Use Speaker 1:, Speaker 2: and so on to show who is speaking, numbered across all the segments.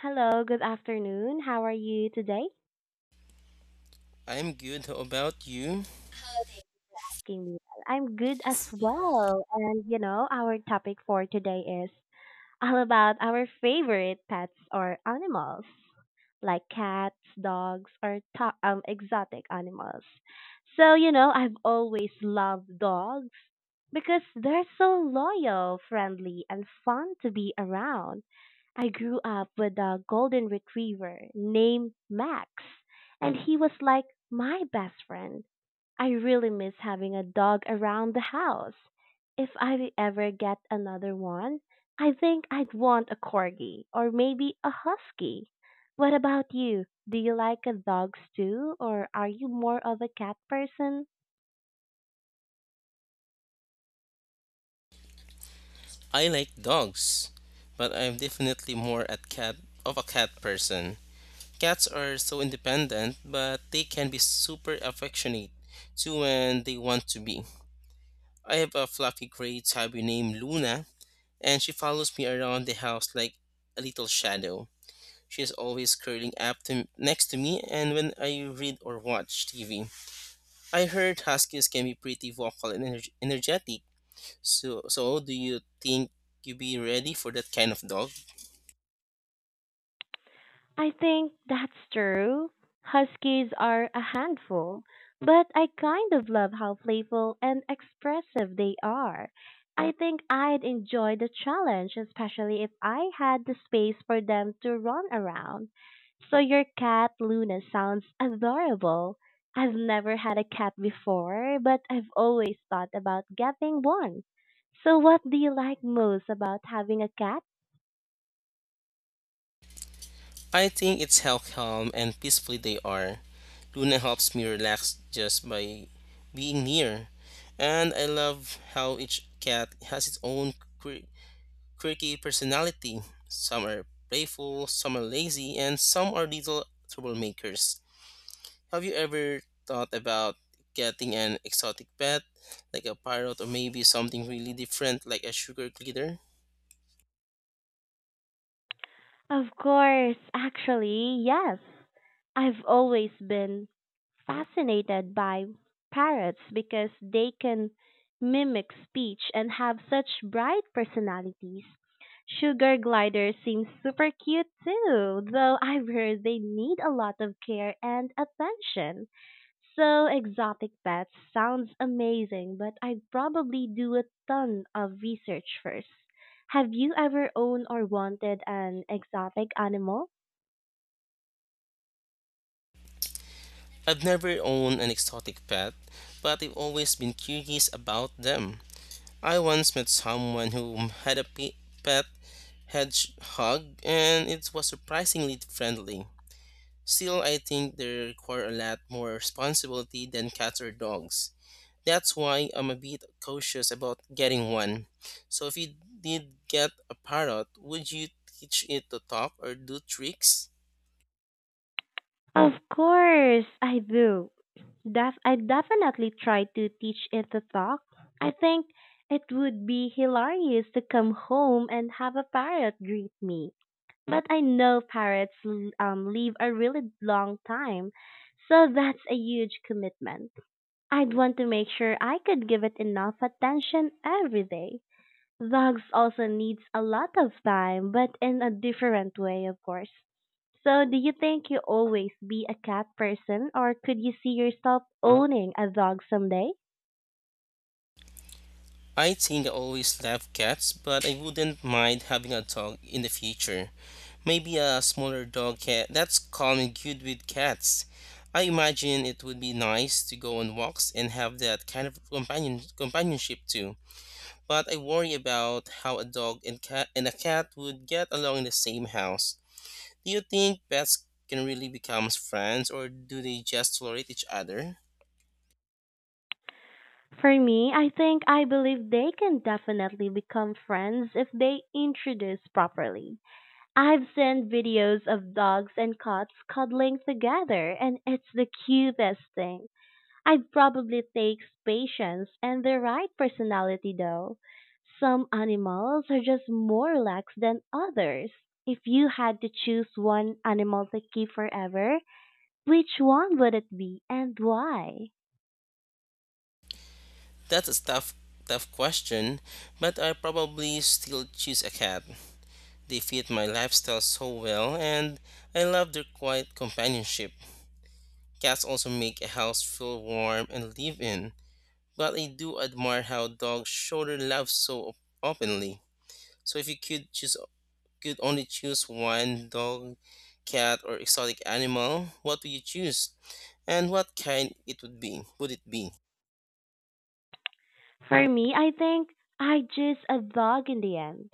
Speaker 1: Hello, good afternoon. How are you today,
Speaker 2: I'm good. How about you?
Speaker 1: Jamie? I'm good as well. And you know, our topic for today is all about our favorite pets or animals, like cats, dogs, or exotic animals. So, you know, I've always loved dogs because they're so loyal, friendly, and fun to be around. I grew up with a golden retriever named Max, and he was like my best friend. I really miss having a dog around the house. If I ever get another one, I think I'd want a corgi or maybe a husky. What about you? Do you like dogs too, or are you more of a cat person?
Speaker 2: I like dogs, but I'm definitely more at cat of a cat person. Cats are so independent, but they can be super affectionate too when they want to be. I have a fluffy gray tabby named Luna, and she follows me around the house like a little shadow. She is always next to me, and when I read or watch TV. I heard huskies can be pretty vocal and energetic. So do you think you be ready for that kind of dog?
Speaker 1: I think that's true. Huskies are a handful, but I kind of love how playful and expressive they are. I think I'd enjoy the challenge, especially if I had the space for them to run around. So your cat Luna sounds adorable. I've never had a cat before, but I've always thought about getting one. So what do you like most about having a cat?
Speaker 2: I think it's how calm and peacefully they are. Luna helps me relax just by being near, and I love how each cat has its own quirky personality. Some are playful, some are lazy, and some are little troublemakers. Have you ever thought about getting an exotic pet, like a parrot, or maybe something really different, like a sugar glider?
Speaker 1: Of course, actually, yes. I've always been fascinated by parrots because they can mimic speech and have such bright personalities. Sugar gliders seem super cute too, though I've heard they need a lot of care and attention. So exotic pets sounds amazing, but I'd probably do a ton of research first. Have you ever owned or wanted an exotic animal?
Speaker 2: I've never owned an exotic pet, but I've always been curious about them. I once met someone who had a pet hedgehog, and it was surprisingly friendly. Still, I think they require a lot more responsibility than cats or dogs. That's why I'm a bit cautious about getting one. So, if you did get a parrot, would you teach it to talk or do tricks?
Speaker 1: Of course, I do. I've definitely tried to teach it to talk. I think it would be hilarious to come home and have a parrot greet me. But I know parrots live a really long time, so that's a huge commitment. I'd want to make sure I could give it enough attention every day. Dogs also needs a lot of time, but in a different way, of course. So, do you think you always be a cat person, or could you see yourself owning a dog someday?
Speaker 2: I think I always love cats, but I wouldn't mind having a dog in the future. Maybe a smaller dog cat that's calm and good with cats. I imagine it would be nice to go on walks and have that kind of companionship too. But I worry about how a dog and cat and a cat would get along in the same house. Do you think pets can really become friends or do they just tolerate each other?
Speaker 1: For me, I think I believe they can definitely become friends if they introduce properly. I've seen videos of dogs and cats cuddling together, and it's the cutest thing. I'd probably takes patience and the right personality though. Some animals are just more lax than others. If you had to choose one animal to keep forever, which one would it be and why?
Speaker 2: That's a tough, Tough question, but I probably still choose a cat. They fit my lifestyle so well, and I love their quiet companionship. Cats also make a house feel warm and live in, but I do admire how dogs show their love so openly. So if you could choose, Could only choose one dog, cat, or exotic animal, what would you choose, and what kind it would be? Would it be?
Speaker 1: For me, I think I choose a dog in the end.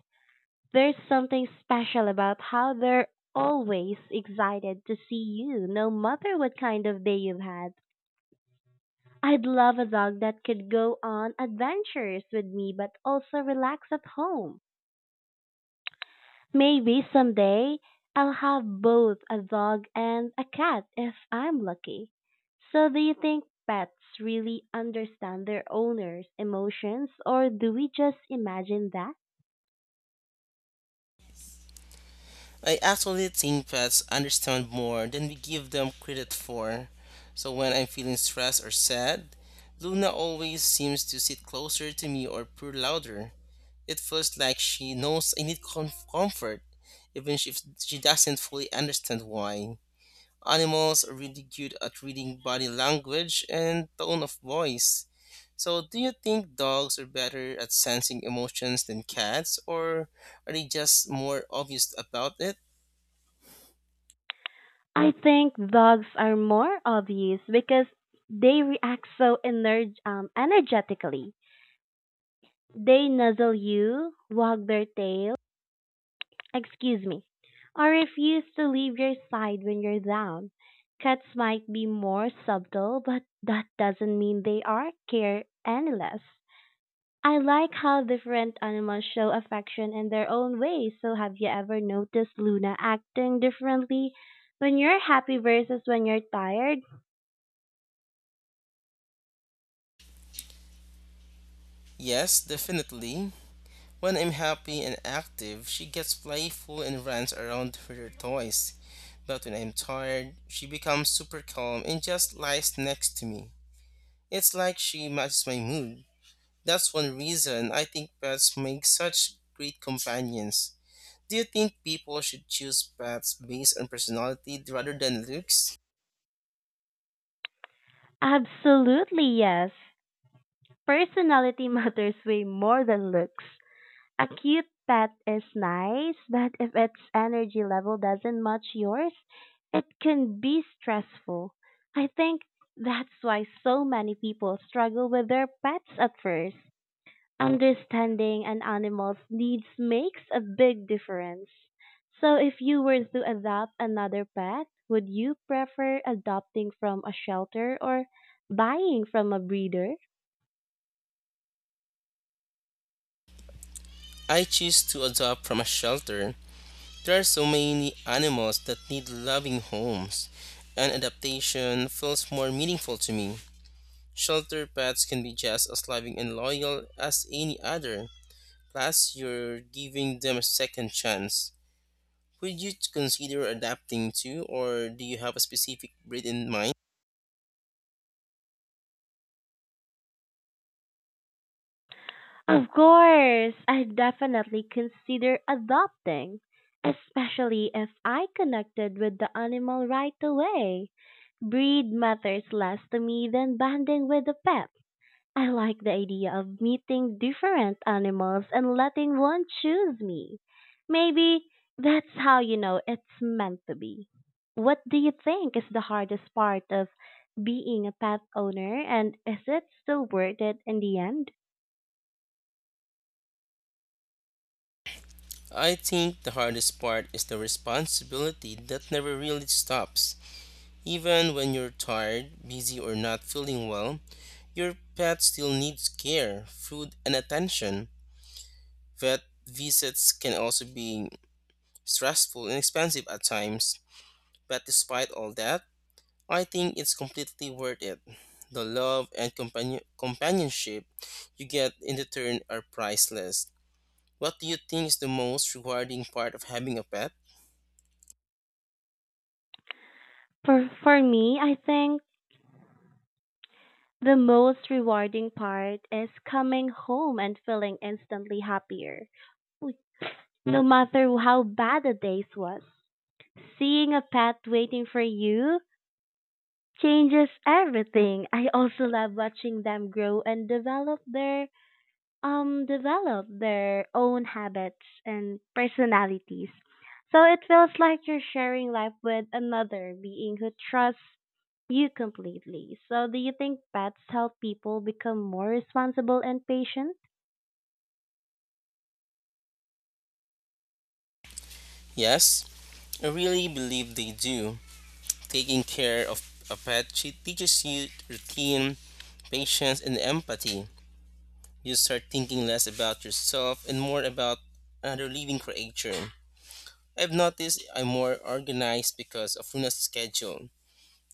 Speaker 1: There's something special about how they're always excited to see you, no matter what kind of day you've had. I'd love a dog that could go on adventures with me but also relax at home. Maybe someday I'll have both a dog and a cat if I'm lucky. So, do you think pets really understand their owners' emotions or do we just imagine that?
Speaker 2: I actually think pets understand more than we give them credit for. So when I'm feeling stressed or sad, Luna always seems to sit closer to me or purr louder. It feels like she knows I need comfort, even if she doesn't fully understand why. Animals are really good at reading body language and tone of voice. So, do you think dogs are better at sensing emotions than cats, or are they just more obvious about it?
Speaker 1: I think dogs are more obvious because they react so energetically. They nuzzle you, wag their tail, excuse me, or refuse to leave your side when you're down. Cats might be more subtle, but that doesn't mean they are care any less. I like how different animals show affection in their own ways. So, have you ever noticed Luna acting differently when you're happy versus when you're tired?
Speaker 2: Yes, definitely. When I'm happy and active, she gets playful and runs around with her toys. But when I'm tired, she becomes super calm and just lies next to me. It's like she matches my mood. That's one reason I think pets make such great companions. Do you think people should choose pets based on personality rather than looks?
Speaker 1: Absolutely, yes. Personality matters way more than looks. A cute pet is nice, but if its energy level doesn't match yours, it can be stressful. I think that's why so many people struggle with their pets at first. Understanding an animal's needs makes a big difference. So, if you were to adopt another pet, would you prefer adopting from a shelter or buying from a breeder?
Speaker 2: I choose to adopt from a shelter. There are so many animals that need loving homes, and adaptation feels more meaningful to me. Shelter pets can be just as loving and loyal as any other, plus, you're giving them a second chance. Would you consider adapting to, Or do you have a specific breed in mind?
Speaker 1: Of course, I definitely consider adopting, especially if I connected with the animal right away. Breed matters less to me than bonding with a pet. I like the idea of meeting different animals and letting one choose me. Maybe that's how you know it's meant to be. What do you think is the hardest part of being a pet owner and is it still worth it in the end?
Speaker 2: I think the hardest part is the responsibility that never really stops. Even when you're tired, busy, or not feeling well, your pet still needs care, food, and attention. Vet visits can also be stressful and expensive at times, but despite all that, I think it's completely worth it. The love and companionship you get in return are priceless. What do you think is the most rewarding part of having a pet?
Speaker 1: For me, I think the most rewarding part is coming home and feeling instantly happier. W- No matter how bad the day was, seeing a pet waiting for you changes everything. I also love watching them grow and develop their own habits and personalities. So it feels like you're sharing life with another being who trusts you completely. So do you think pets help people become more responsible and patient?
Speaker 2: Yes, I really believe they do. Taking care of a pet she teaches you routine, patience, and empathy. You start thinking less about yourself and more about another living creature. I've noticed I'm more organized because of Luna's schedule.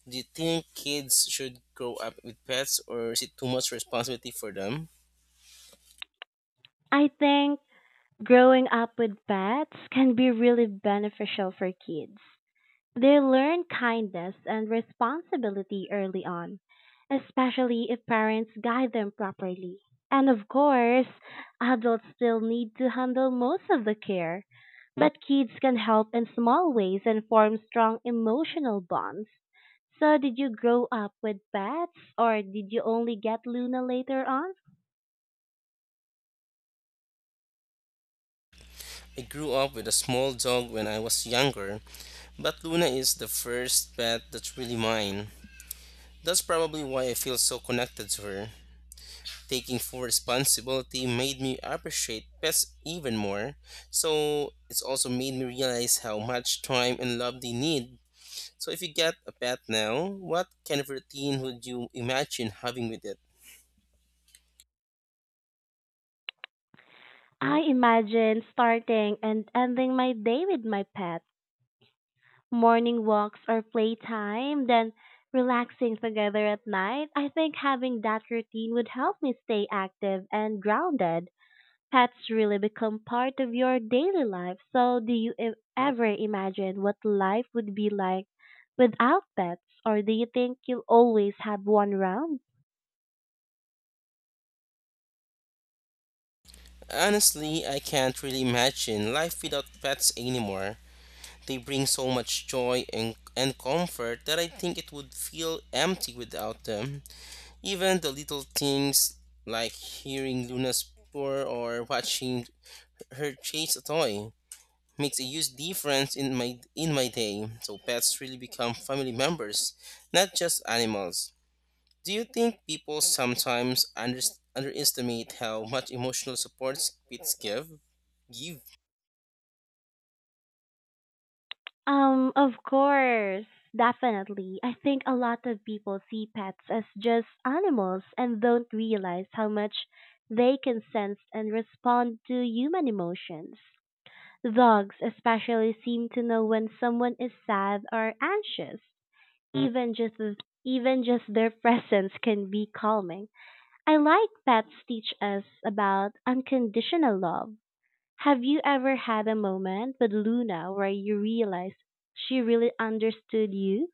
Speaker 2: Do you think kids should grow up with pets or is it too much responsibility for them?
Speaker 1: I think growing up with pets can be really beneficial for kids. They learn kindness and responsibility early on, especially if parents guide them properly. And of course, adults still need to handle most of the care, but kids can help in small ways and form strong emotional bonds. So, did you grow up with pets or did you only get Luna later on?
Speaker 2: I grew up with a small dog when I was younger, but Luna is the first pet that's really mine. That's probably why I feel so connected to her. Taking full responsibility made me appreciate pets even more. So it's also made me realize how much time and love they need. So if you get a pet now, what kind of routine would you imagine having with it?
Speaker 1: I imagine starting and ending my day with my pet morning walks or playtime, then relaxing together at night, I think having that routine would help me stay active and grounded. Pets really become part of your daily life. So, do you ever imagine what life would be like without pets, or do you think you'll always have one around?
Speaker 2: Honestly, I can't really imagine life without pets anymore. They bring so much joy and comfort that I think it would feel empty without them. Even the little things like hearing Luna purr or watching her chase a toy makes a huge difference in my day. So pets really become family members, not just animals. Do you think people sometimes underestimate how much emotional support pets give?
Speaker 1: Of course. Definitely. I think a lot of people see pets as just animals and don't realize how much they can sense and respond to human emotions. Dogs especially seem to know when someone is sad or anxious. Mm. Even just their presence can be calming. I like pets teach us about unconditional love have you ever had a moment with Luna where you realized she really understood you?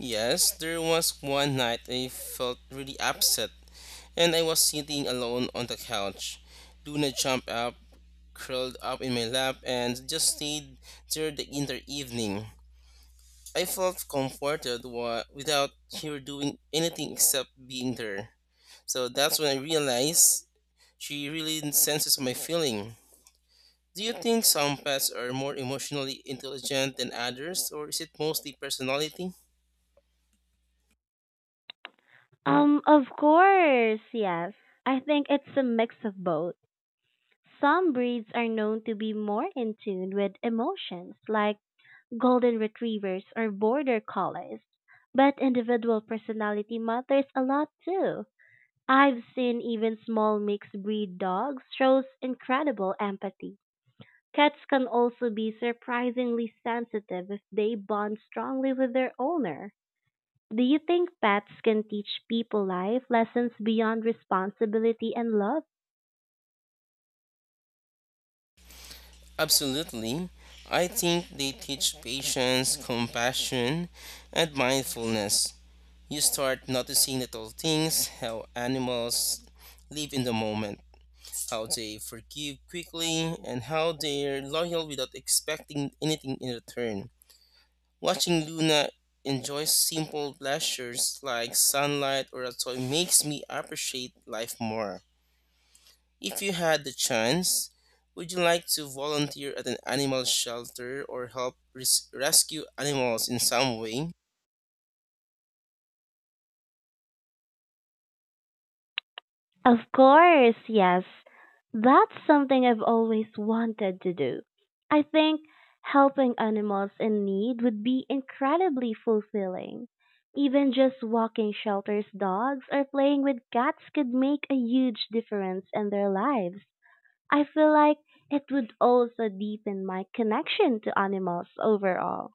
Speaker 2: Yes, there was one night I felt really upset, and I was sitting alone on the couch. Luna jumped up, curled up in my lap, and just stayed there the entire evening. I felt comforted without her doing anything except being there. So that's when I realized she really senses my feeling. Do you think some pets are more emotionally intelligent than others, or is it mostly personality?
Speaker 1: Of course, yes. I think it's a mix of both. Some breeds are known to be more in tune with emotions, like golden retrievers or border collies. But individual personality matters a lot too. I've seen even small mixed breed dogs shows incredible empathy. Cats can also be surprisingly sensitive if they bond strongly with their owner. Do you think pets can teach people life lessons beyond responsibility and love?
Speaker 2: Absolutely. I think they teach patience, compassion, and mindfulness. You start noticing little things, how animals live in the moment, how they forgive quickly, and how they're loyal without expecting anything in return. Watching Luna enjoy simple pleasures like sunlight or a toy makes me appreciate life more. If you had the chance, would you like to volunteer at an animal shelter or help rescue animals in some way?
Speaker 1: Of course, yes. That's something I've always wanted to do. I think helping animals in need would be incredibly fulfilling. Even just walking shelters dogs or playing with cats could make a huge difference in their lives. I feel like it would also deepen my connection to animals overall.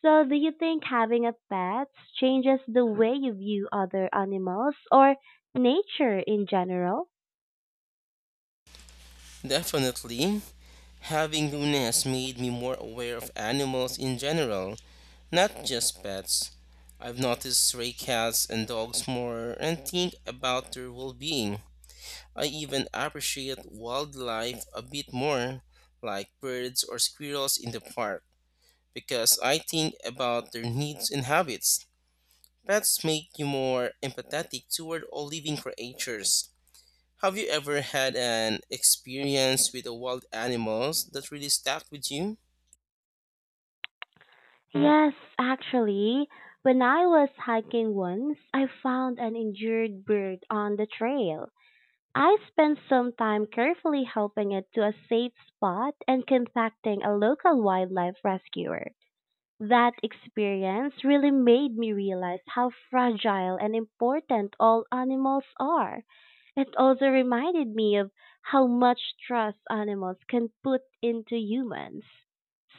Speaker 1: So, do you think having a pet changes the way you view other animals or nature in general?
Speaker 2: Definitely. Having Luna has made me more aware of animals in general, not just pets. I've noticed stray cats and dogs more and think about their well being. I even appreciate wildlife a bit more, like birds or squirrels in the park, because I think about their needs and habits. Pets make you more empathetic toward all living creatures. Have you ever had an experience with a wild animals that really stuck with you?
Speaker 1: Yes, actually. When I was hiking once, I found an injured bird on the trail. I spent some time carefully helping it to a safe spot and contacting a local wildlife rescuer. That experience really made me realize how fragile and important all animals are. It also reminded me of how much trust animals can put into humans.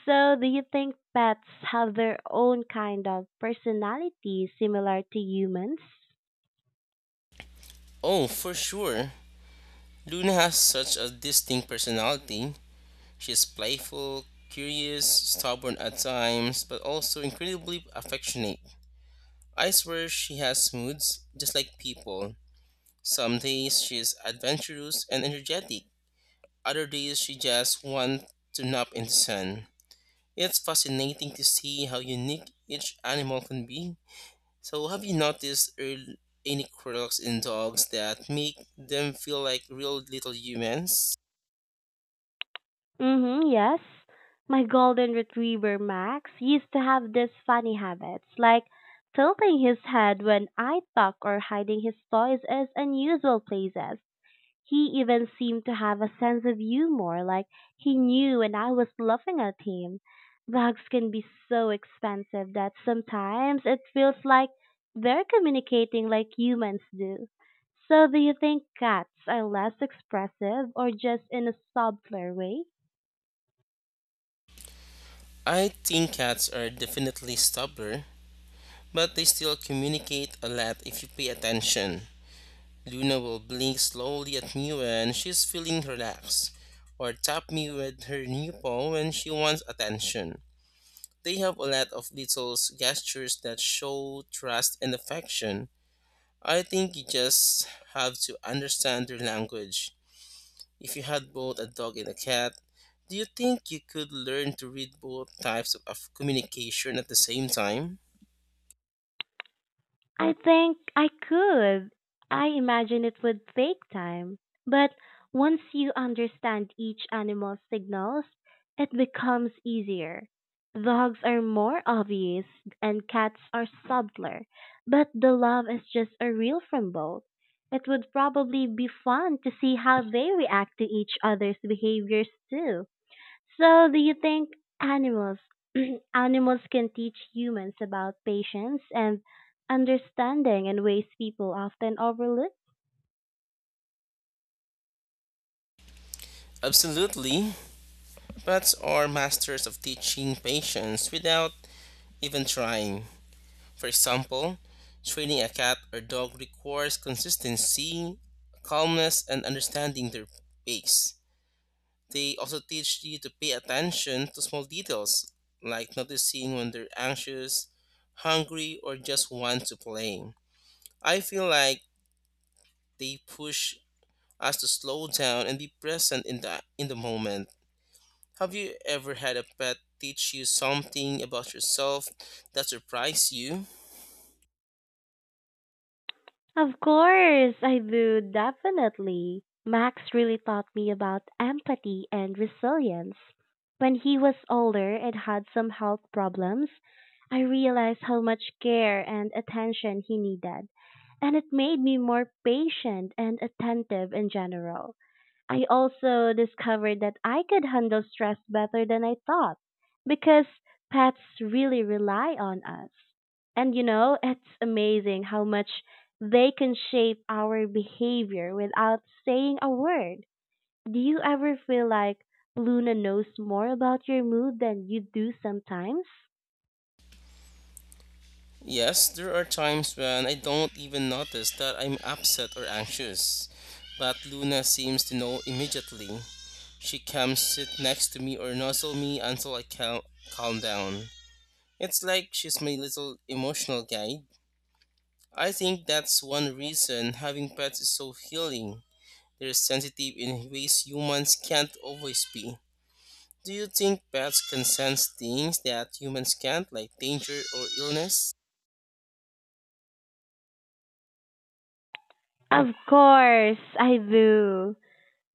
Speaker 1: So, do you think pets have their own kind of personality similar to humans?
Speaker 2: Oh, for sure. Luna has such a distinct personality. She's playful, curious, stubborn at times, but also incredibly affectionate. I swear she has moods just like people. Some days she's adventurous and energetic. Other days she just wants to nap in the sun. It's fascinating to see how unique each animal can be. So, have you noticed any quirks in dogs that make them feel like real little humans?
Speaker 1: Mm-hmm, yes. My golden retriever Max used to have these funny habits, like tilting his head when I talk or hiding his toys in unusual places. He even seemed to have a sense of humor, like he knew when I was laughing at him. Dogs can be so expensive that sometimes it feels like they're communicating like humans do. So, do you think cats are less expressive or just in a subtler way?
Speaker 2: I think cats are definitely stubborn, but they still communicate a lot if you pay attention. Luna will blink slowly at me when she's feeling relaxed, or tap me with her new paw when she wants attention. They have a lot of little gestures that show trust and affection. I think you just have to understand their language. If you had both a dog and a cat, do you think you could learn to read both types of communication at the same time?
Speaker 1: I think I could. I imagine it would take time, but once you understand each animal's signals, it becomes easier. Dogs are more obvious and cats are subtler, but the love is just a reel from both. It would probably be fun to see how they react to each other's behaviors too. So, do you think animals animals can teach humans about patience and understanding in ways people often overlook?
Speaker 2: Absolutely. Pets are masters of teaching patience without even trying. For example, training a cat or dog requires consistency, calmness, and understanding their pace. They also teach you to pay attention to small details, like noticing when they're anxious, hungry, or just want to play. I feel like they push us to slow down and be present in the moment. Have you ever had a pet teach you something about yourself that surprised you?
Speaker 1: Of course, I do definitely. Max really taught me about empathy and resilience. When he was older and had some health problems, I realized how much care and attention he needed, and it made me more patient and attentive in general. I also discovered that I could handle stress better than I thought because pets really rely on us. And you know, it's amazing how much they can shape our behavior without saying a word. Do you ever feel like Luna knows more about your mood than you do sometimes?
Speaker 2: Yes, there are times when I don't even notice that I'm upset or anxious, but Luna seems to know immediately. She comes sit next to me or nuzzle me until I calm down. It's like she's my little emotional guide. I think that's one reason having pets is so healing. They're sensitive in ways humans can't always be. Do you think pets can sense things that humans can't, like danger or illness?
Speaker 1: Of course, I do.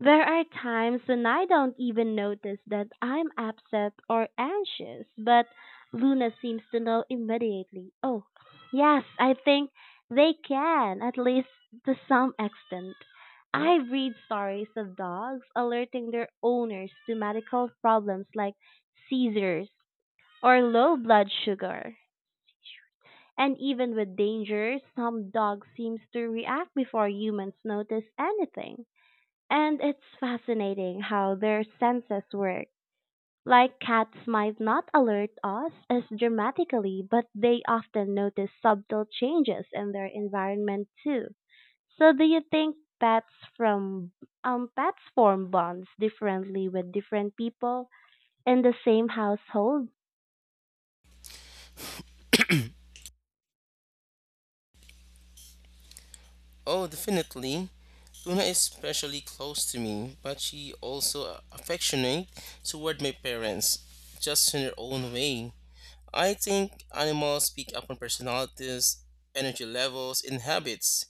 Speaker 1: There are times when I don't even notice that I'm upset or anxious, but Luna seems to know immediately. Oh, yes, I think they can, at least to some extent. I read stories of dogs alerting their owners to medical problems like seizures or low blood sugar. And even with danger, some dogs seems to react before humans notice anything. And it's fascinating how their senses work. Like cats might not alert us as dramatically, but they often notice subtle changes in their environment too. So do you think from pets form bonds differently with different people in the same household?
Speaker 2: Oh, definitely. Luna is especially close to me, but she also affectionate toward my parents, just in her own way. I think animals pick up on personalities, energy levels, and habits.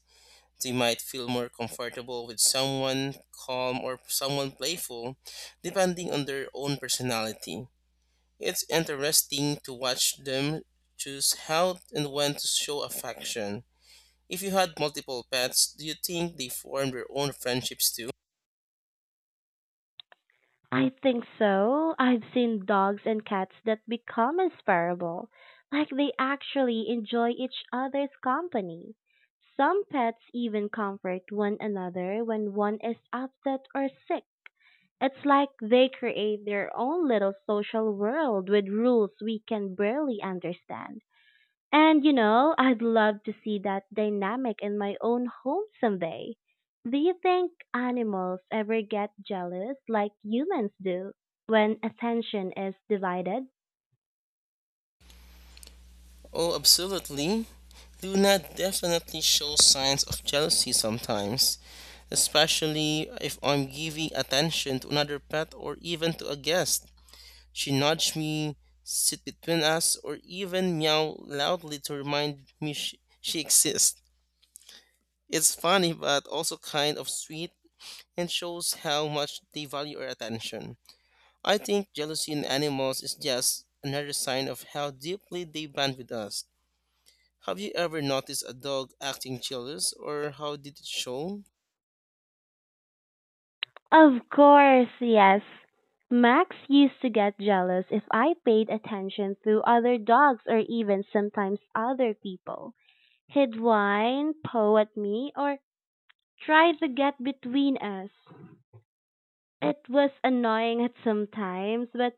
Speaker 2: They might feel more comfortable with someone calm or someone playful, depending on their own personality. It's interesting to watch them choose how and when to show affection. If you had multiple pets, do you think they form their own friendships too?
Speaker 1: I think so. I've seen dogs and cats that become inseparable, like they actually enjoy each other's company. Some pets even comfort one another when one is upset or sick. It's like they create their own little social world with rules we can barely understand. And you know, I'd love to see that dynamic in my own home someday. Do you think animals ever get jealous like humans do when attention is divided?
Speaker 2: Oh, absolutely. Luna definitely shows signs of jealousy sometimes, especially if I'm giving attention to another pet or even to a guest. She nudges me, sit between us, or even meow loudly to remind me she exists. It's funny but also kind of sweet and shows how much they value our attention. I think jealousy in animals is just another sign of how deeply they bond with us. Have you ever noticed a dog acting jealous or how did it show?
Speaker 1: Of course, yes. Max used to get jealous if I paid attention to other dogs or even sometimes other people. He'd whine, paw at me, or try to get between us. It was annoying at some times, but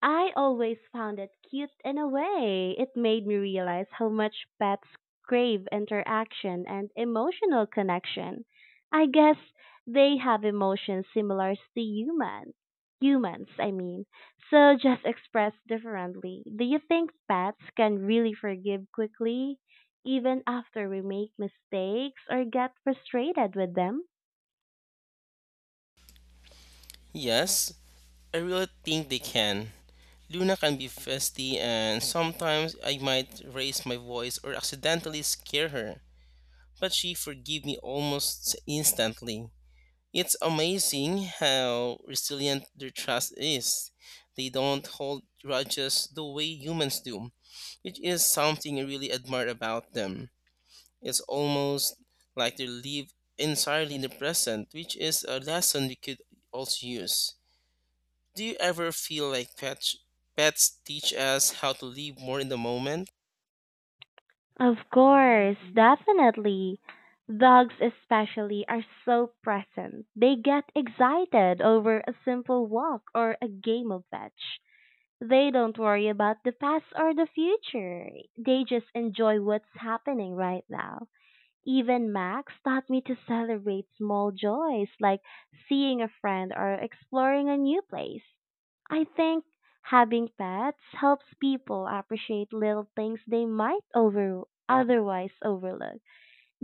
Speaker 1: I always found it cute in a way. It made me realize how much pets crave interaction and emotional connection. I guess they have emotions similar to humans, I mean. So just expressed differently. Do you think pets can really forgive quickly even after we make mistakes or get frustrated with them?
Speaker 2: Yes, I really think they can. Luna can be festy and sometimes I might raise my voice or accidentally scare her, but she forgive me almost instantly. It's amazing how resilient their trust is. They don't hold grudges the way humans do, which is something I really admire about them. It's almost like they live entirely in the present, which is a lesson we could also use. Do you ever feel like pets teach us how to live more in the moment?
Speaker 1: Of course, definitely. Dogs, especially, are so present. They get excited over a simple walk or a game of fetch. They don't worry about the past or the future. They just enjoy what's happening right now. Even Max taught me to celebrate small joys like seeing a friend or exploring a new place. I think having pets helps people appreciate little things they might over otherwise overlook.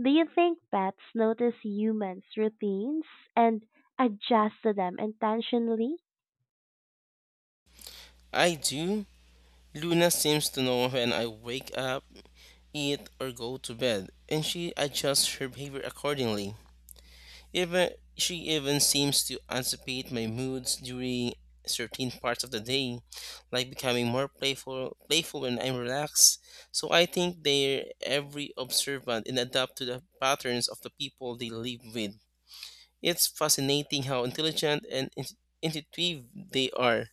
Speaker 1: Do you think pets notice humans' routines and adjust to them intentionally?
Speaker 2: I do. Luna seems to know when I wake up, eat, or go to bed, and she adjusts her behavior accordingly. Even She even seems to anticipate my moods during certain parts of the day, like becoming more playful when I'm relaxed. So I think they're every observant and adapt to the patterns of the people they live with. It's fascinating how intelligent and intuitive they are.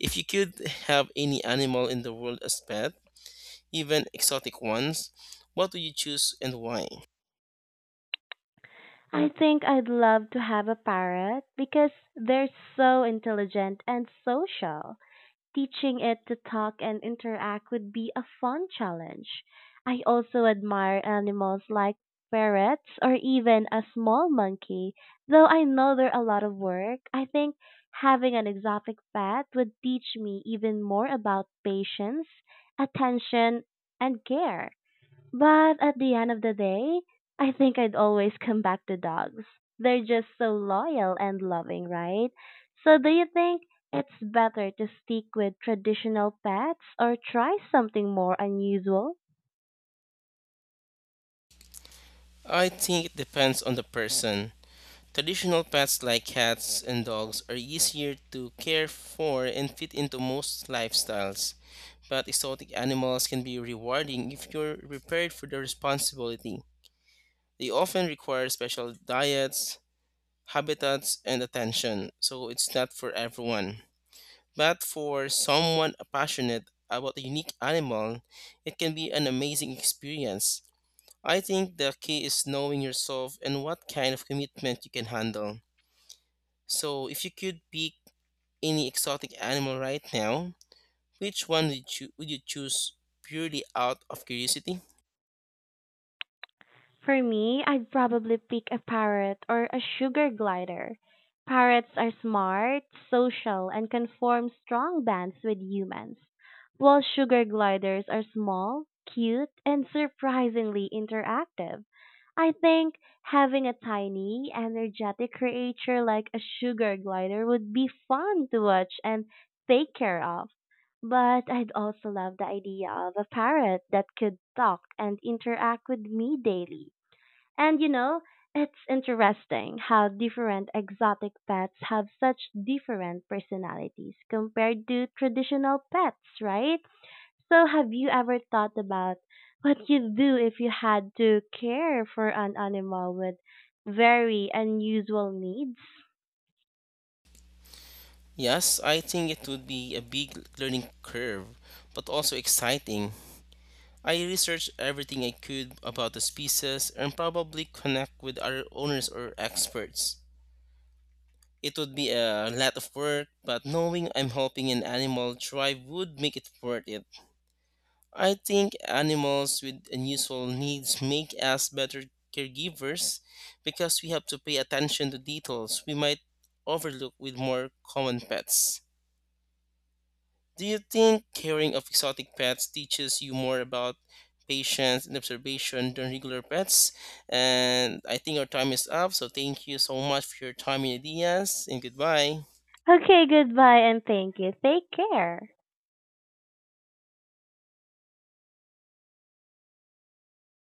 Speaker 2: If you could have any animal in the world as pet, even exotic ones, what do you choose and why?
Speaker 1: I think I'd love to have a parrot because they're so intelligent and social. Teaching it to talk and interact would be a fun challenge. I also admire animals like ferrets or even a small monkey. Though I know they're a lot of work, I think having an exotic pet would teach me even more about patience, attention, and care. But at the end of the day, I think I'd always come back to dogs. They're just so loyal and loving, right? So do you think it's better to stick with traditional pets or try something more unusual?
Speaker 2: I think it depends on the person. Traditional pets like cats and dogs are easier to care for and fit into most lifestyles, but exotic animals can be rewarding if you're prepared for the responsibility. They often require special diets, habitats, and attention, so it's not for everyone. But for someone passionate about a unique animal, it can be an amazing experience. I think the key is knowing yourself and what kind of commitment you can handle. So, if you could pick any exotic animal right now, which one would you choose purely out of curiosity?
Speaker 1: For me, I'd probably pick a parrot or a sugar glider. Parrots are smart, social, and can form strong bonds with humans, while sugar gliders are small, cute, and surprisingly interactive. I think having a tiny, energetic creature like a sugar glider would be fun to watch and take care of. But I'd also love the idea of a parrot that could talk and interact with me daily. And you know, it's interesting how different exotic pets have such different personalities compared to traditional pets, right? So, have you ever thought about what you'd do if you had to care for an animal with very unusual needs?
Speaker 2: Yes, I think it would be a big learning curve, but also exciting. I researched everything I could about the species and probably connect with other owners or experts. It would be a lot of work, but knowing I'm helping an animal thrive would make it worth it. I think animals with unusual needs make us better caregivers because we have to pay attention to details we might overlook with more common pets. Do you think caring of exotic pets teaches you more about patience and observation than regular pets? And I think our time is up, so thank you so much for your time and ideas, and goodbye.
Speaker 1: Okay, goodbye and thank you. Take care.